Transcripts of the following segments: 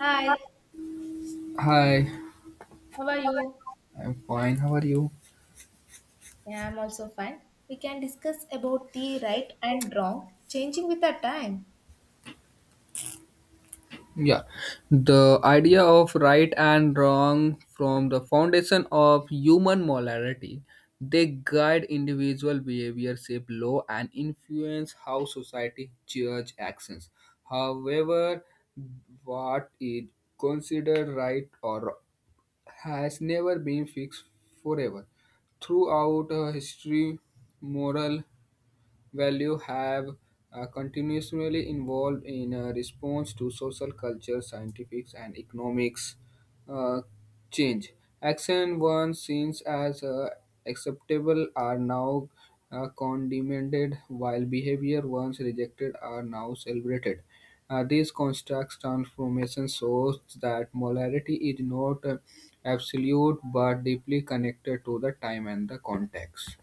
Hi, Hi, how are you? I'm fine. How are you? Yeah, I'm also fine. We can discuss about the right and wrong changing with the time. Yeah, the idea of right and wrong from the foundation of human morality. They guide individual behavior, shape law, and influence how society judge actions. However, what is considered right or wrong has never been fixed forever. Throughout history, moral value have continuously evolved in response to social culture, scientifics, and economics uh, change. Action once seen as acceptable are now condemned, while behavior once rejected are now celebrated. These constructs transformation shows that molarity is not absolute but deeply connected to the time and the context.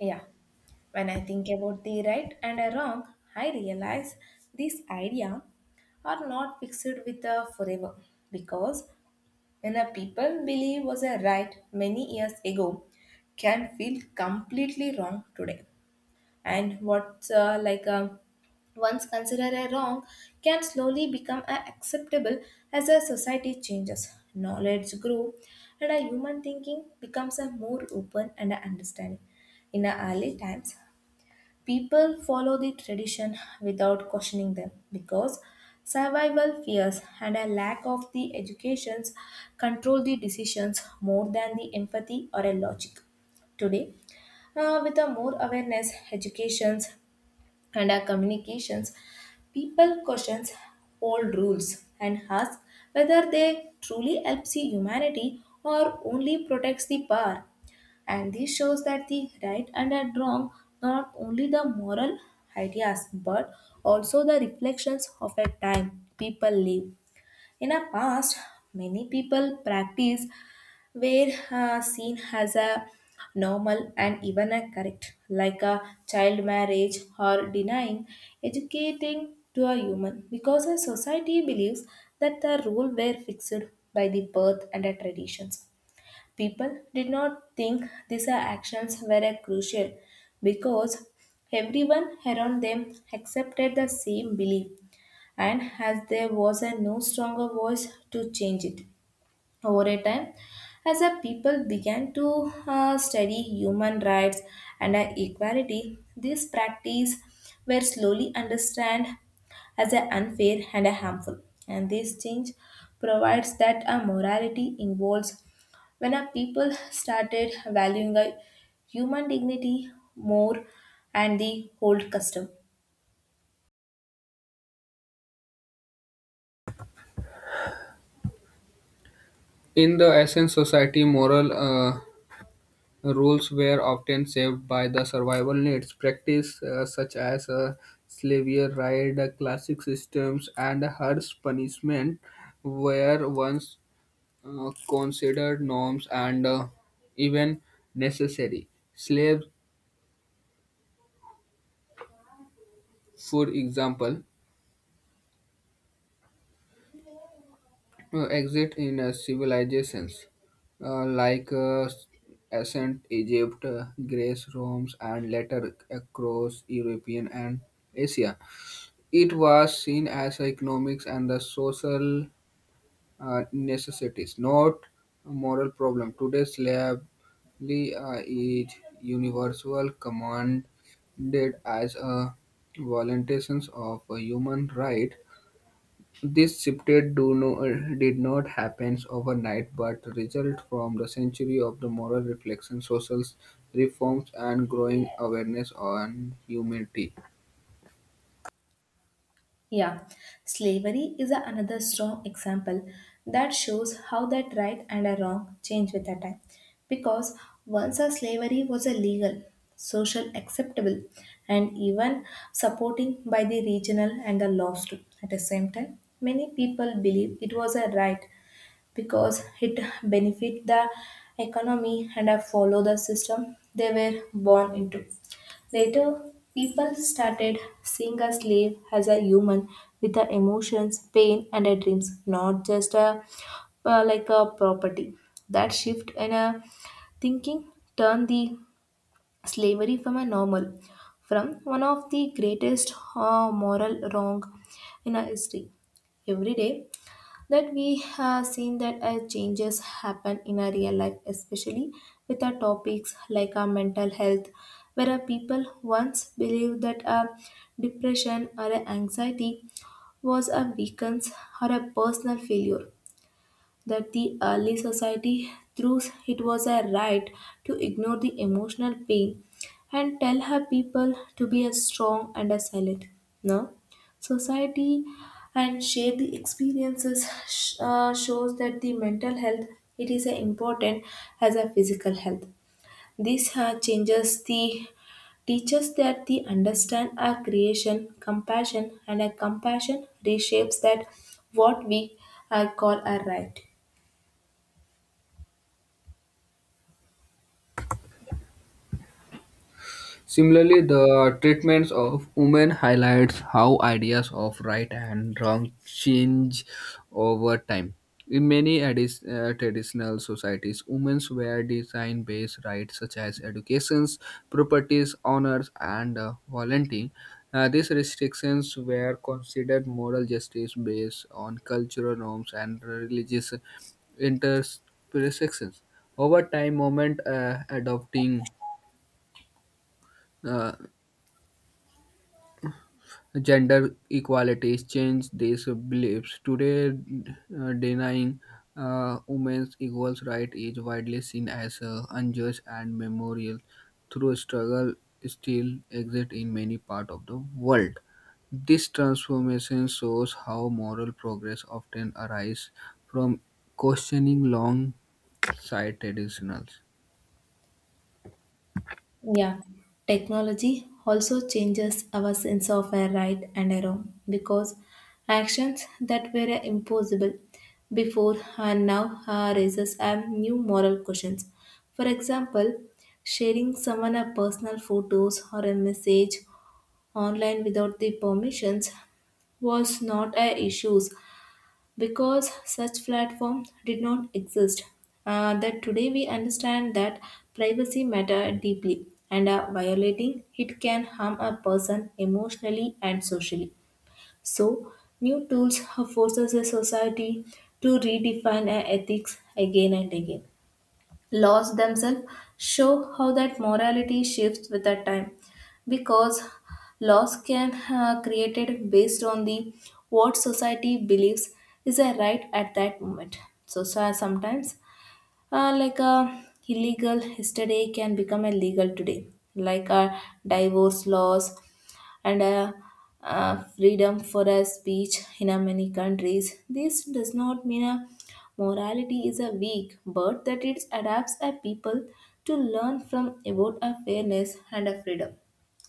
Yeah, when I think about the right and a wrong, I realize this idea are not fixed with a forever because when a people believe was a right many years ago can feel completely wrong today and what's like a once considered a wrong can slowly become a acceptable as a society changes knowledge grow and our human thinking becomes a more open and a understanding in our early times people follow the tradition without questioning them because survival fears and a lack of the educations control the decisions more than the empathy or a logic. Today, with a more awareness, educations, and our communications, people questions old rules and ask whether they truly helps the humanity or only protects the power. And this shows that the right and the wrong not only the moral ideas but also the reflections of a time people live. In the past, many people practice where seen as a normal and even a correct, like a child marriage or denying educating to a human, because a society believes that the rule were fixed by the birth and the traditions. People did not think these are actions were a crucial because everyone around them accepted the same belief and as there was a no stronger voice to change it over a time as a people began to study human rights and equality these practice were slowly understood as a unfair and a harmful and this change provides that a morality involves when a people started valuing a human dignity more and the old custom. In the ancient society, moral rules were often shaped by the survival needs. Practice such as slavery, right, classic systems, and harsh punishment were once considered norms and even necessary. Slaves, for example, exist in civilizations like ancient Egypt, Greece, Rome, and later across European and Asia. It was seen as economics and the social necessities, not a moral problem. Today, slavery is universal, commanded as a violation of a human right. This shifted do no, did not happen overnight but resulted from the century of the moral reflection, social reforms and growing awareness on humanity. Yeah, slavery is another strong example that shows how that right and a wrong change with the time. Because once a slavery was a legal, social acceptable, and even supporting by the regional and the laws too. At the same time, many people believe it was a right because it benefit the economy and I follow the system they were born into. Later, people started seeing a slave as a human with the emotions, pain, and a dreams, not just a like a property. That shift in a thinking turned the slavery from a normal, from one of the greatest moral wrong in our history. Every day, that we have seen that changes happen in our real life especially with our topics like our mental health where our people once believed that a depression or a anxiety was a weakness or a personal failure that the early society thought it was a right to ignore the emotional pain and tell her people to be as strong and as silent. Now, society and share the experiences shows that the mental health it is as important as a physical health. This changes the teaches that the understand our creation, compassion, and a compassion reshapes that what we call a right. Similarly, the treatments of women highlights how ideas of right and wrong change over time. In many traditional societies, women were designed based rights such as educations, properties, honors, and volunteering. These restrictions were considered moral justice based on cultural norms and religious intersections. Over time, moment adopting uh, gender equalities change these beliefs. Today, denying women's equal right is widely seen as unjust and memorial through struggle still exist in many parts of the world. This transformation shows how moral progress often arises from questioning long-sighted traditionals. Yeah, technology also changes our sense of a right and a wrong because actions that were impossible before and now raises a new moral questions. For example, sharing someone a personal photos or a message online without the permissions was not a issue because such platform did not exist that today we understand that privacy matter deeply and violating it can harm a person emotionally and socially so new tools forces a society to redefine our ethics again and again laws themselves show how that morality shifts with that time because laws can created based on the what society believes is a right at that moment so sometimes like a illegal yesterday can become a legal today like a divorce laws and freedom for a speech in many countries. This does not mean a morality is a weak, but that it adapts a people to learn from about a fairness and a freedom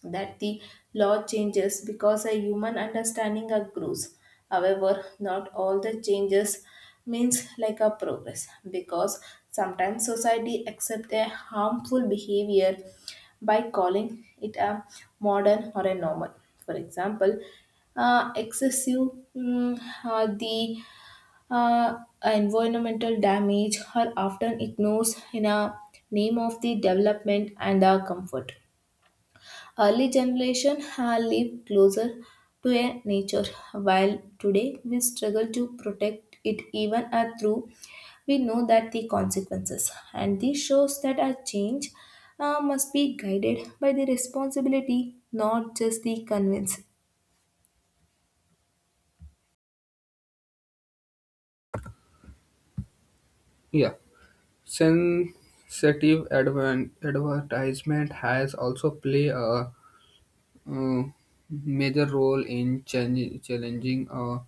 that the law changes because a human understanding grows. However, not all the changes means like a progress because sometimes society accept a harmful behavior by calling it a modern or a normal. For example, excessive mm, the uh, environmental damage are often ignored in a name of the development and comfort. Early generation have lived closer to a nature, while today we struggle to protect it even through we know that the consequences. And this shows that our change must be guided by the responsibility, not just the convenience. Yeah, sensitive advertisement has also played a uh, major role in challenging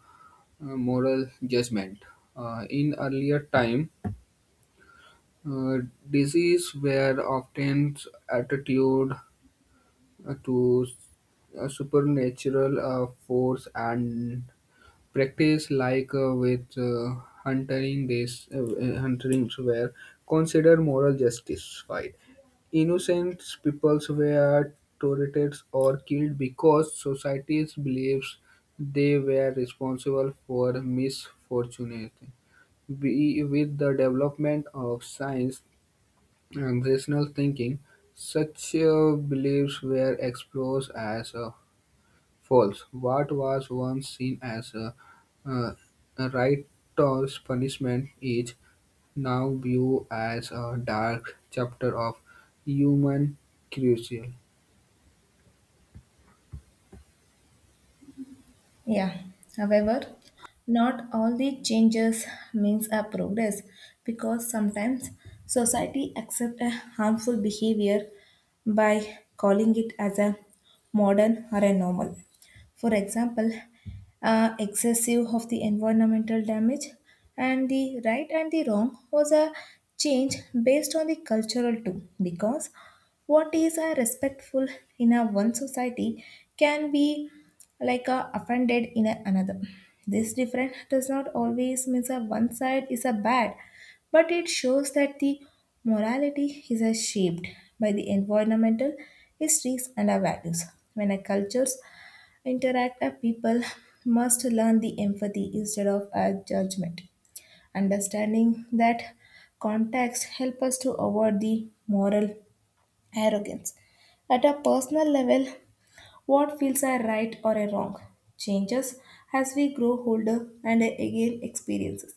moral judgment. In earlier time, uh, disease were often attributed to a supernatural force and practice like with hunting days hunting were considered moral justified. Innocent peoples were tortured or killed because societies believes they were responsible for misfortune. We, with the development of science and rational thinking, such beliefs were explored as a false. What was once seen as uh, a righteous punishment is now viewed as a dark chapter of human cruelty. Yeah. However, not all the changes means a progress because sometimes society accept a harmful behavior by calling it as a modern or a normal. For example, excessive of the environmental damage and the right and the wrong was a change based on the cultural too because what is a respectful in a one society can be like a offended in another. This difference does not always mean that one side is a bad, but it shows that the morality is a shaped by the environmental histories and our values. When a cultures interact, a people must learn the empathy instead of a judgment. Understanding that context help us to avoid the moral arrogance. At a personal level, what feels a right or a wrong changes as we grow older and again experiences.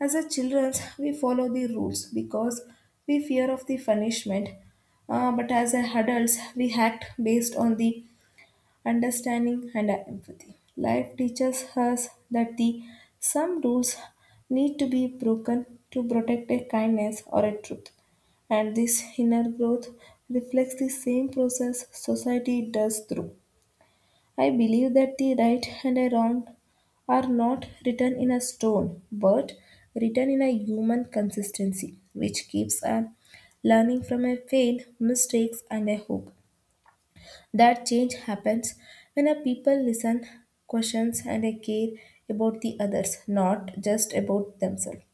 As a children, we follow the rules because we fear of the punishment. But as a adults, we act based on the understanding and empathy. Life teaches us that the some rules need to be broken to protect a kindness or a truth and this inner growth reflects the same process society does through. I believe that the right and a wrong are not written in a stone, but written in a human consistency, which keeps on learning from a fail, mistakes, and a hope. That change happens when a people listen, questions, and a care about the others, not just about themselves.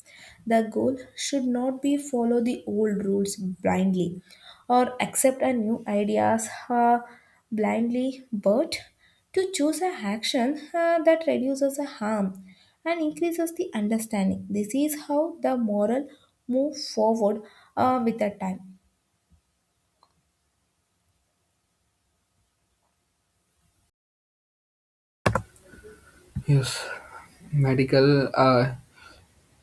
The goal should not be follow the old rules blindly or accept a new ideas blindly, but to choose an action that reduces the harm and increases the understanding. This is how the moral move forward with the time. Yes, medical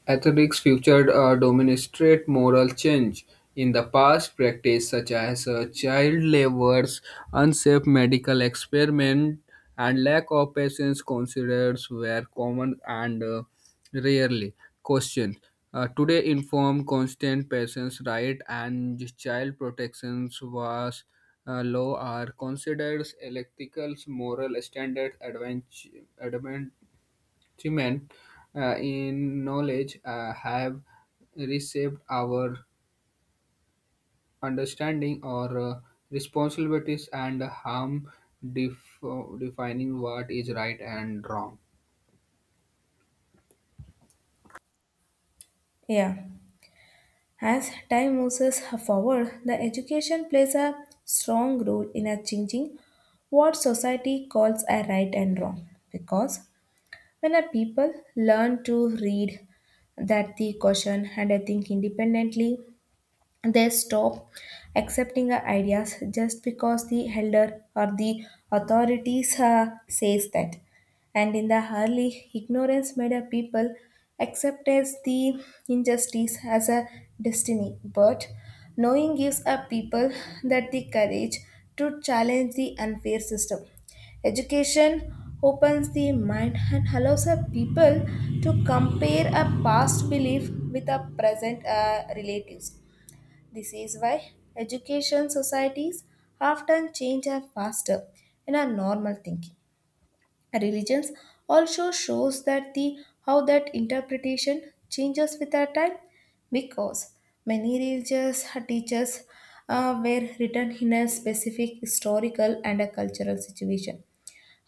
ethics featured a demonstrate moral change. In the past, practices such as child labor's unsafe medical experiment, and lack of patients considered were common and rarely questioned. Today, informed constant patients' right and child protections was law are considered ethical moral standards advent- achievement in knowledge have reshaped our understanding or responsibilities and harm def- defining what is right and wrong. Yeah. As time moves forward, the education plays a strong role in a changing what society calls a right and wrong. Because when a people learn to read, that they question and they think independently, they stop accepting the ideas just because the elder or the authorities says that. And in the early, ignorance made a people accept as the injustice as a destiny. But knowing gives a people that the courage to challenge the unfair system. Education opens the mind and allows a people to compare a past belief with a present relatives. This is why education societies have done change and faster in our normal thinking. Religions also shows that the how that interpretation changes with our time because many religious teachers were written in a specific historical and a cultural situation.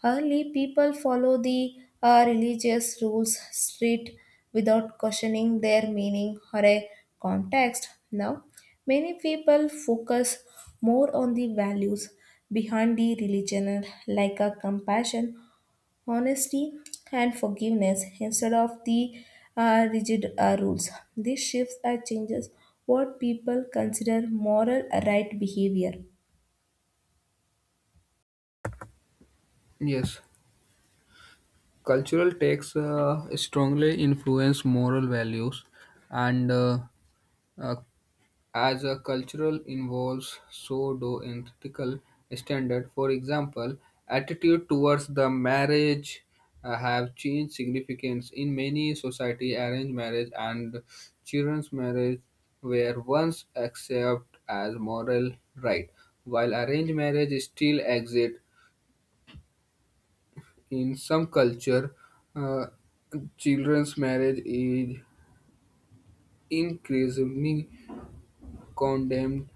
Early people follow the religious rules strict without questioning their meaning or a context. Now, many people focus more on the values behind the religion, like a compassion, honesty, and forgiveness, instead of the rigid rules. These shifts are changes what people consider moral right behavior. Yes, cultural texts strongly influence moral values and uh, as a cultural involves, so do ethical standard. For example, attitude towards the marriage have changed significance in many society. Arranged marriage and children's marriage were once accepted as moral right, while arranged marriage still exists in some culture. uh, children's marriage is increasingly condemned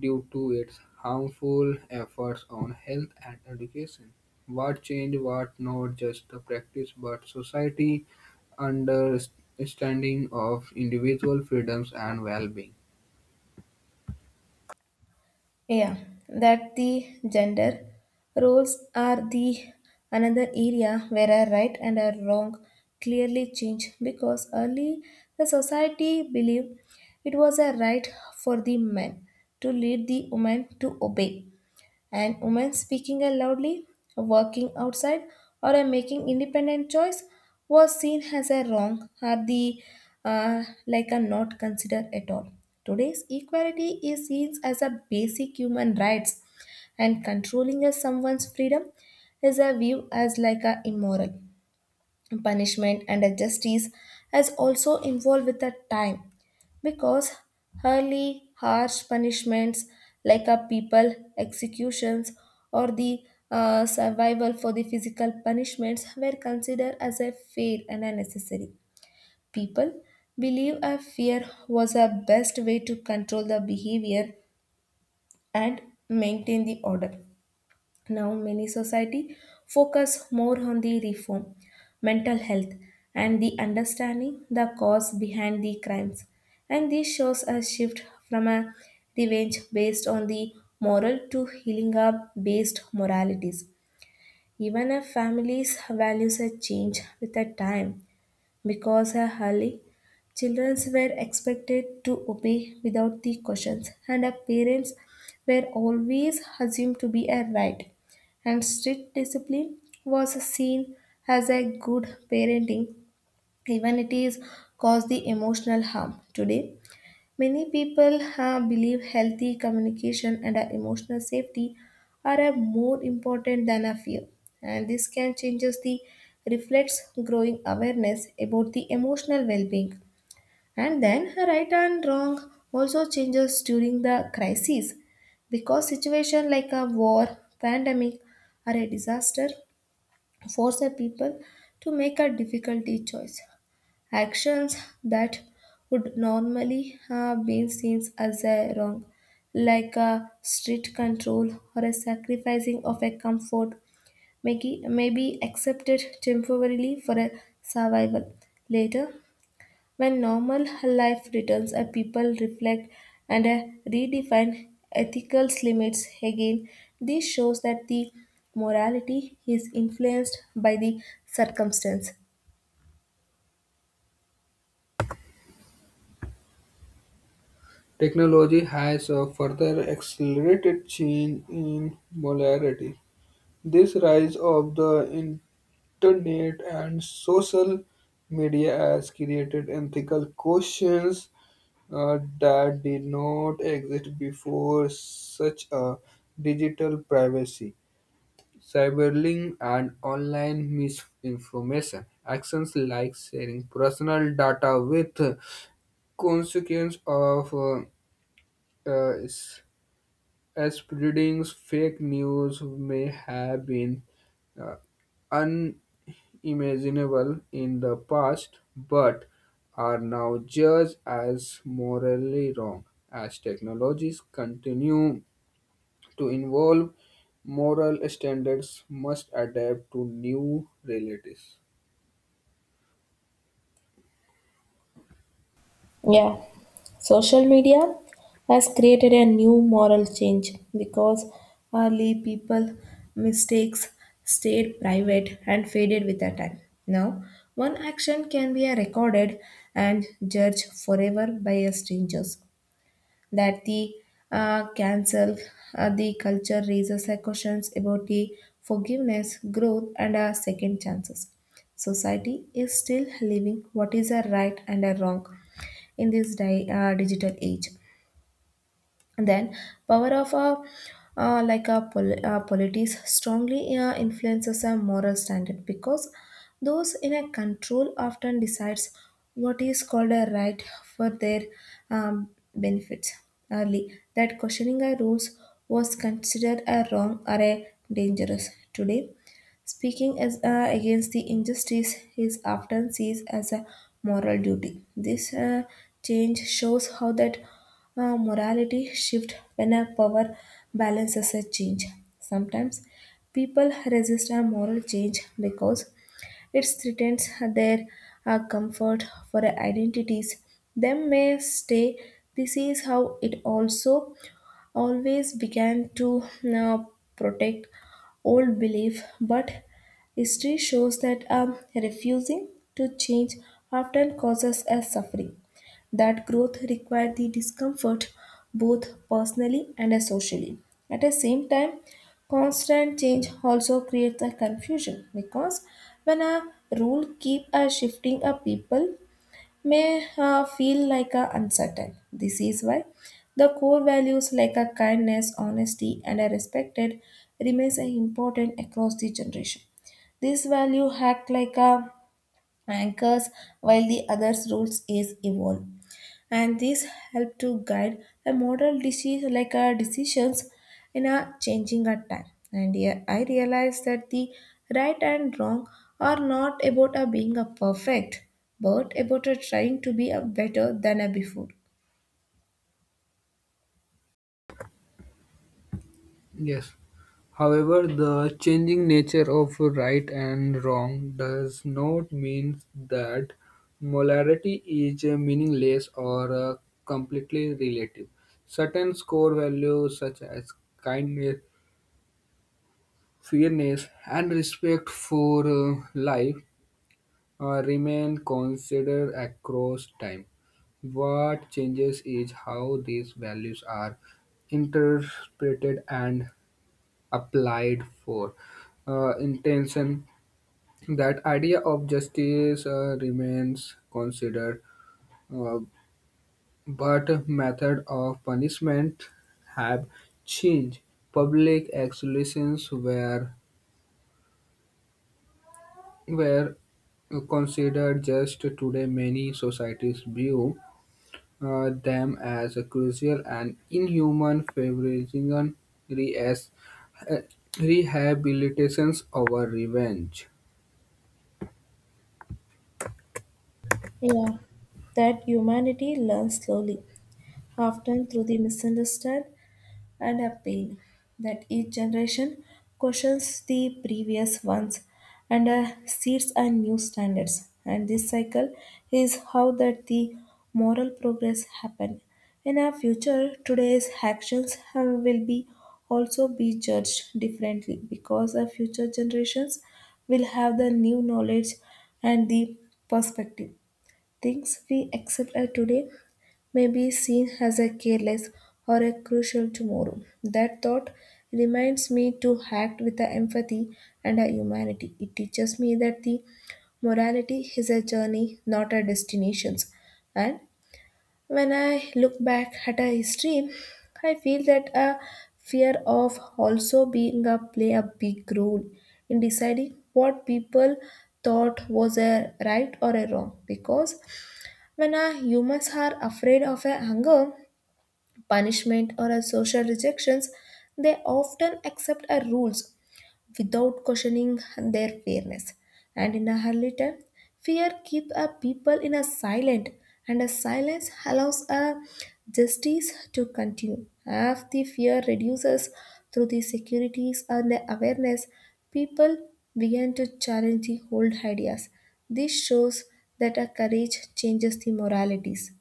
due to its harmful efforts on health and education. What changed what not just the practice but society understanding of individual freedoms and well-being. Yeah, that the gender roles are the another area where a right and a wrong clearly change because early the society believed it was a right for the men to lead the women to obey an woman speaking out loudly, working outside, or a making independent choice was seen as a wrong or the like a not considered at all. Today's equality is seen as a basic human rights and controlling a someone's freedom is a view as like a immoral punishment and a justice as also involved with the time because early harsh punishments like a people executions or the survival for the physical punishments were considered as a fair and a necessary people believe a fear was a best way to control the behavior and maintain the order now, many society focus more on the reform, mental health, and the understanding the cause behind the crimes. And this shows a shift from a revenge based on the moral to healing up based moralities. Even if families values a change with a time, because a early, children were expected to obey without the questions, and a parents were always assumed to be a right. And strict discipline was seen as a good parenting, even it is caused the emotional harm today. Many people believe healthy communication and emotional safety are more important than a fear, and this can changes the reflects growing awareness about the emotional well-being. And then right and wrong also changes during the crises, because situation like a war, pandemic, or a disaster force a people to make a difficult choice actions that would normally have been seen as a wrong, like a strict control or a sacrificing of a comfort, may be accepted temporarily for a survival. Later, when normal life returns, a people reflect and redefine ethical limits again. This shows that the morality is influenced by the circumstance. Technology has further accelerated change in molarity. This rise of the internet and social media has created ethical questions that did not exist before, such a digital privacy, cyberbullying, and online misinformation. Actions like sharing personal data with consequence of uh, s- as spreading fake news may have been uh, unimaginable in the past, but are now judged as morally wrong. As technologies continue to evolve, moral standards must adapt to new realities. Yeah, social media has created a new moral change because early people mistakes stayed private and faded with the time. Now, one action can be recorded and judged forever by a strangers that the cancel the culture raises a questions about the forgiveness, growth, and second chances. Society is still living what is a right and a wrong in this digital age then power of a like a polities strongly influences a moral standard because those in a control often decides what is called a right for their um, benefits early that questioning a rules was considered a wrong or a dangerous today. Speaking as, against the injustice is often seen as a moral duty. This change shows how that morality shifts when a power balance is a change. Sometimes people resist a moral change because it threatens their comfort for identities. They may stay. This is how it also always began to uh, protect old belief, but history shows that refusing to change often causes us suffering. That growth required the discomfort both personally and socially. At the same time, constant change also creates a confusion because when a rule keep a shifting a people may feel like a uncertain. This is why the core values like a kindness, honesty, and a respected remains a important across the generation. This value act like a anchors while the other's rules is evolved and this help to guide a model disease like our decisions in a changing our time and here I realize that the right and wrong are not about a being a perfect but about a trying to be a better than a before. Yes. However, the changing nature of right and wrong does not mean that molarity is meaningless or completely relative. Certain core values such as kindness, fairness, and respect for life remain considered across time. What changes is how these values are interpreted and applied for intention. That idea of justice remains considered, uh, but method of punishment have changed. Public executions were considered just. Today, many societies view them as a crucial and inhuman, favoring re- as, uh, rehabilitations over revenge. Yeah, that humanity learns slowly, often through the misunderstand and a pain that each generation questions the previous ones and sets a new standards. And this cycle is how that the moral progress happen. In our future, today's actions will be also be judged differently because our future generations will have the new knowledge and the perspective. Things we accept as today may be seen as a careless or a crucial tomorrow. That thought reminds me to act with a empathy and a humanity. It teaches me that the morality is a journey, not a destination. And when I look back at a history, I feel that a fear of also being a play a big role in deciding what people thought was a right or a wrong because when our humans are afraid of a hunger, punishment, or a social rejections, they often accept a rules without questioning their fairness. And in a early time, fear keeps a people in a silent, and a silence allows a justice to continue. As the fear reduces through the securities and the awareness, people began to challenge the old ideas. This shows that a courage changes the moralities.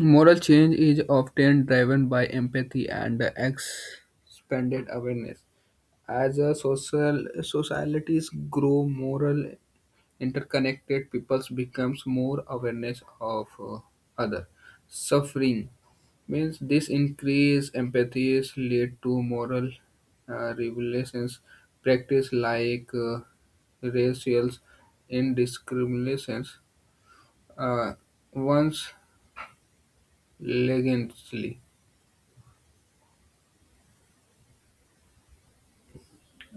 Moral change is often driven by empathy and expanded awareness. As a social societies grow moral interconnected, peoples becomes more awareness of other suffering. Means this increase empathies lead to moral revelations. Practice like racial indiscriminations uh, once legendly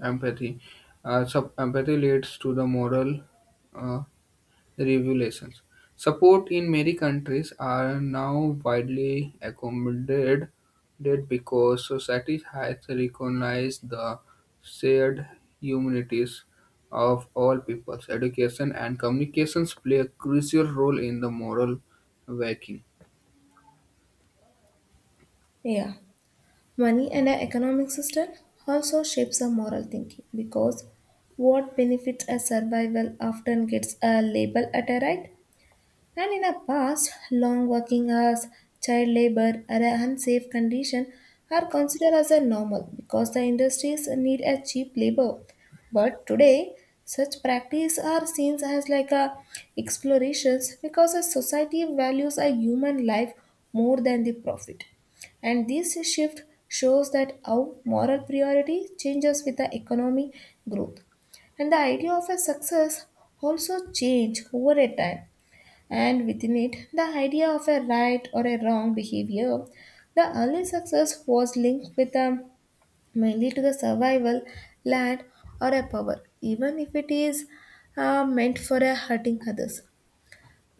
empathy. Empathy leads to the moral uh, revelations. Support in many countries are now widely accommodated did because society has recognized the shared humanities of all peoples. Education and communications play a crucial role in the moral waking. Yeah. Money and our economic system also shapes our moral thinking because what benefits our survival often gets a label at a right and in the past, long working hours, child labor, or an unsafe condition are considered as a normal because the industries need a cheap labor. But today, such practice are seen as like a explorations because a society values a human life more than the profit. And this shift shows that how moral priority changes with the economy growth and the idea of a success also change over a time and within it the idea of a right or a wrong behavior. The early success was linked with a, mainly to the survival, land, or a power, even if it is meant for a hurting others.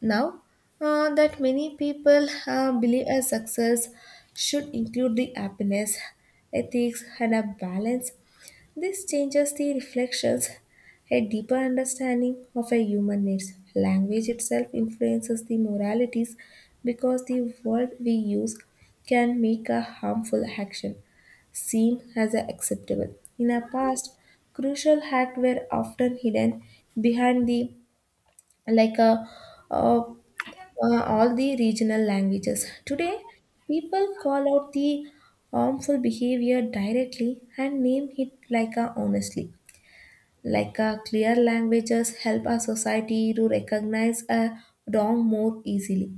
Now that many people believe a success should include the happiness, ethics, and a balance this changes the reflections. A deeper understanding of a human needs. Language itself influences the moralities because the word we use can make a harmful action seem as acceptable. In the past, crucial acts were often hidden behind the like uh, uh, all the regional languages. Today, people call out the harmful behavior directly and name it like a honestly. Like a clear languages help a society to recognize a wrong more easily.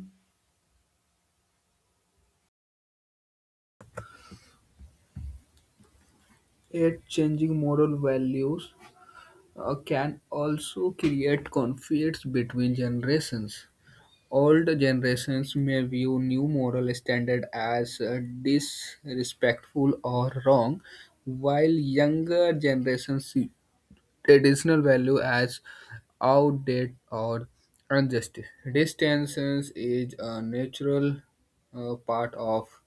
Yet changing moral values can also create conflicts between generations. Old generations may view new moral standard as disrespectful or wrong, while younger generations see traditional value as outdated or unjust. This tension is a natural part of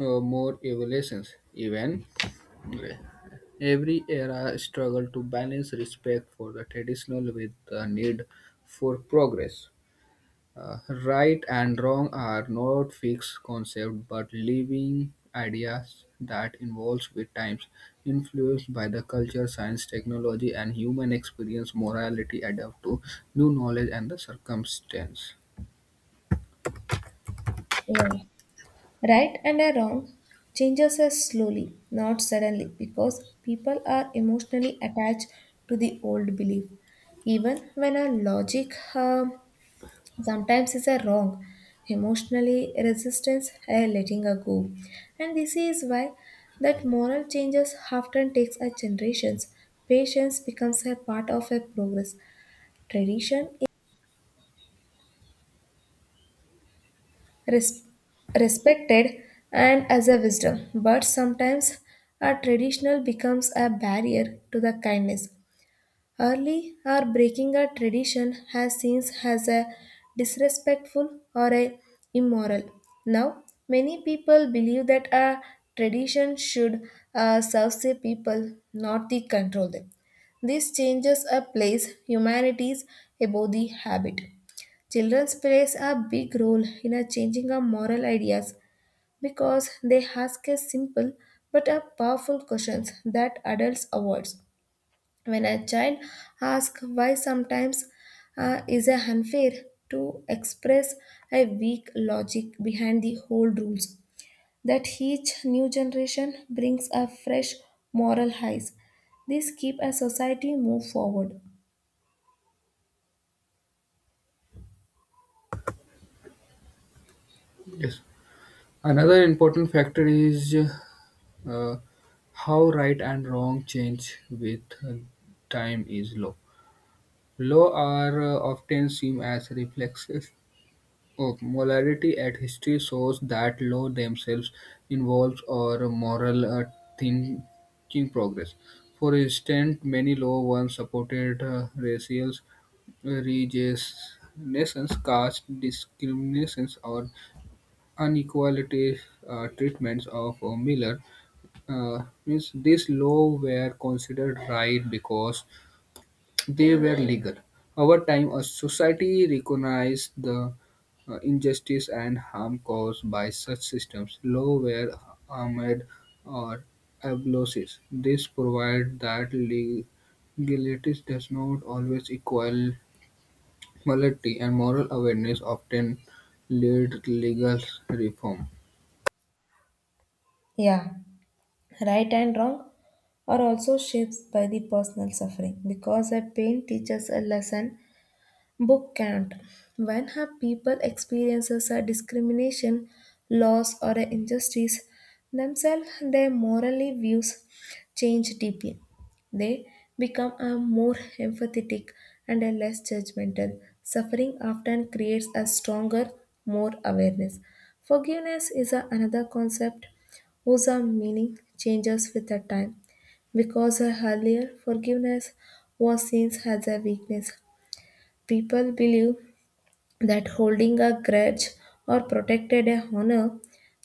more evolutions. Even every era struggle to balance respect for the traditional with the need for progress. Uh, right and wrong are not fixed concepts but living ideas that evolve with times, influenced by the culture, science, technology, and human experience. Morality adapt to new knowledge and the circumstance. Yeah. Right and a wrong changes us slowly, not suddenly, because people are emotionally attached to the old belief. Even when our logic sometimes it's a wrong emotionally resistance a letting a go and this is why that moral changes often takes a generations patience becomes a part of a progress tradition is res- respected and as a wisdom but sometimes a traditional becomes a barrier to the kindness. Early or breaking a tradition has seen as a disrespectful or a immoral. Now, many people believe that a tradition should serve the people, not the control them. This changes a place humanities above the habit. Children's plays a big role in a changing our moral ideas because they ask a simple but a powerful questions that adults avoid. When a child asks why sometimes is a unfair to express a weak logic behind the whole rules, that each new generation brings a fresh moral highs. This keep a society move forward. Yes. Another important factor is uh, how right and wrong change with uh, time is law. Law are often seen as reflexes. Oh, morality at history shows that law themselves involves or moral thinking progress. For instance, many law once supported racial registrations, caste discriminations, or inequality treatments of a miller. Means this law were considered right because they were legal. Over time, a society recognized the injustice and harm caused by such systems. Law were armed or abolishers. This provides that legality does not always equal morality, and moral awareness often leads to legal reform. Yeah, right and wrong are also shaped by the personal suffering because a pain teaches a lesson Book can't. When have people experiences a discrimination, loss or a injustice themselves, their morally views change deeply. They become a more empathetic and a less judgmental. Suffering often creates a stronger, more awareness. Forgiveness is a, another concept whose meaning changes with the time because earlier forgiveness was seen as a weakness. People believe that holding a grudge or protected a honor.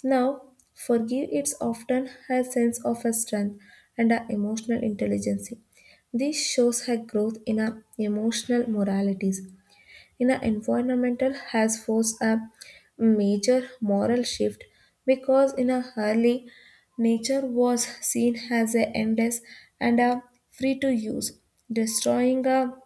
Now, forgive it's often her sense of her strength and her emotional intelligence. This shows her growth in her emotional moralities. In her environmental has forced a major moral shift because in her early nature was seen as a endless and a free to use, destroying a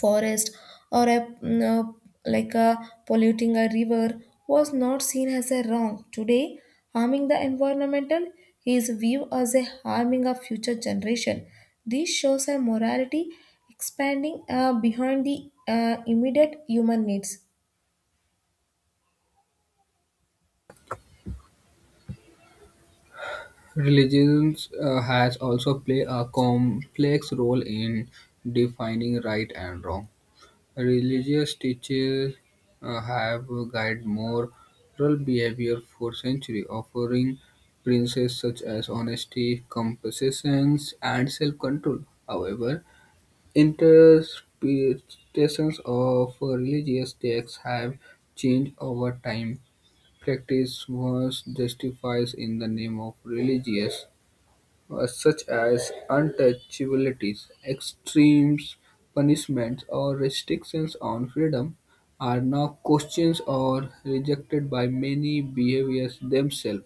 forest or a like a polluting a river was not seen as a wrong today harming the environmental is viewed as a harming of future generation this shows a morality expanding behind the immediate human needs. Religions has also played a complex role in defining right and wrong. Religious teachers have guided moral behavior for centuries, offering principles such as honesty, compassion, and self-control. However, interpretations of religious texts have changed over time. Practice was justified in the name of religious such as untouchabilities, extremes, punishments, or restrictions on freedom, are now questioned or rejected by many behaviors themselves.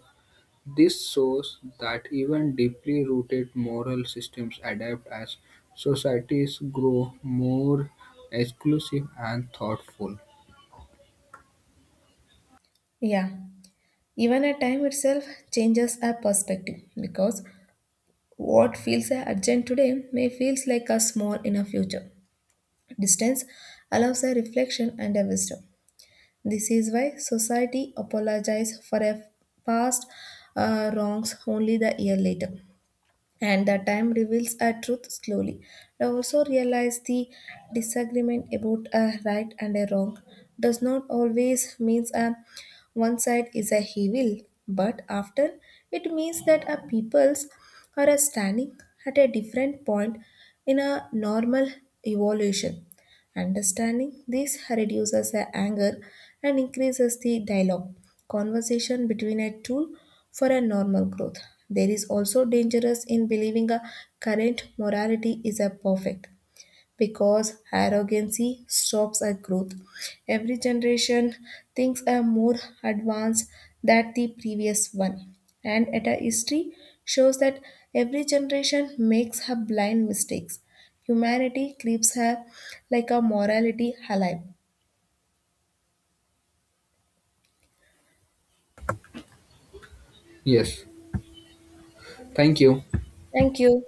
This shows that even deeply rooted moral systems adapt as societies grow more exclusive and thoughtful. Yeah, even a time itself changes a perspective because what feels a urgent today may feels like a small in a future distance allows a reflection and a wisdom. This is why society apologizes for a past wrongs only the year later, and the time reveals a truth slowly. I also realize the disagreement about a right and a wrong does not always means a one side is a evil, but often it means that a peoples are a standing at a different point in a normal evolution. Understanding this reduces the anger and increases the dialogue, conversation between a tool for a normal growth. There is also dangerous in believing a current morality is a perfect because arrogancy stops our growth. Every generation thinks are more advanced than the previous one, and ETA history shows that every generation makes her blind mistakes. Humanity keeps her like a morality alive. Yes, thank you. Thank you.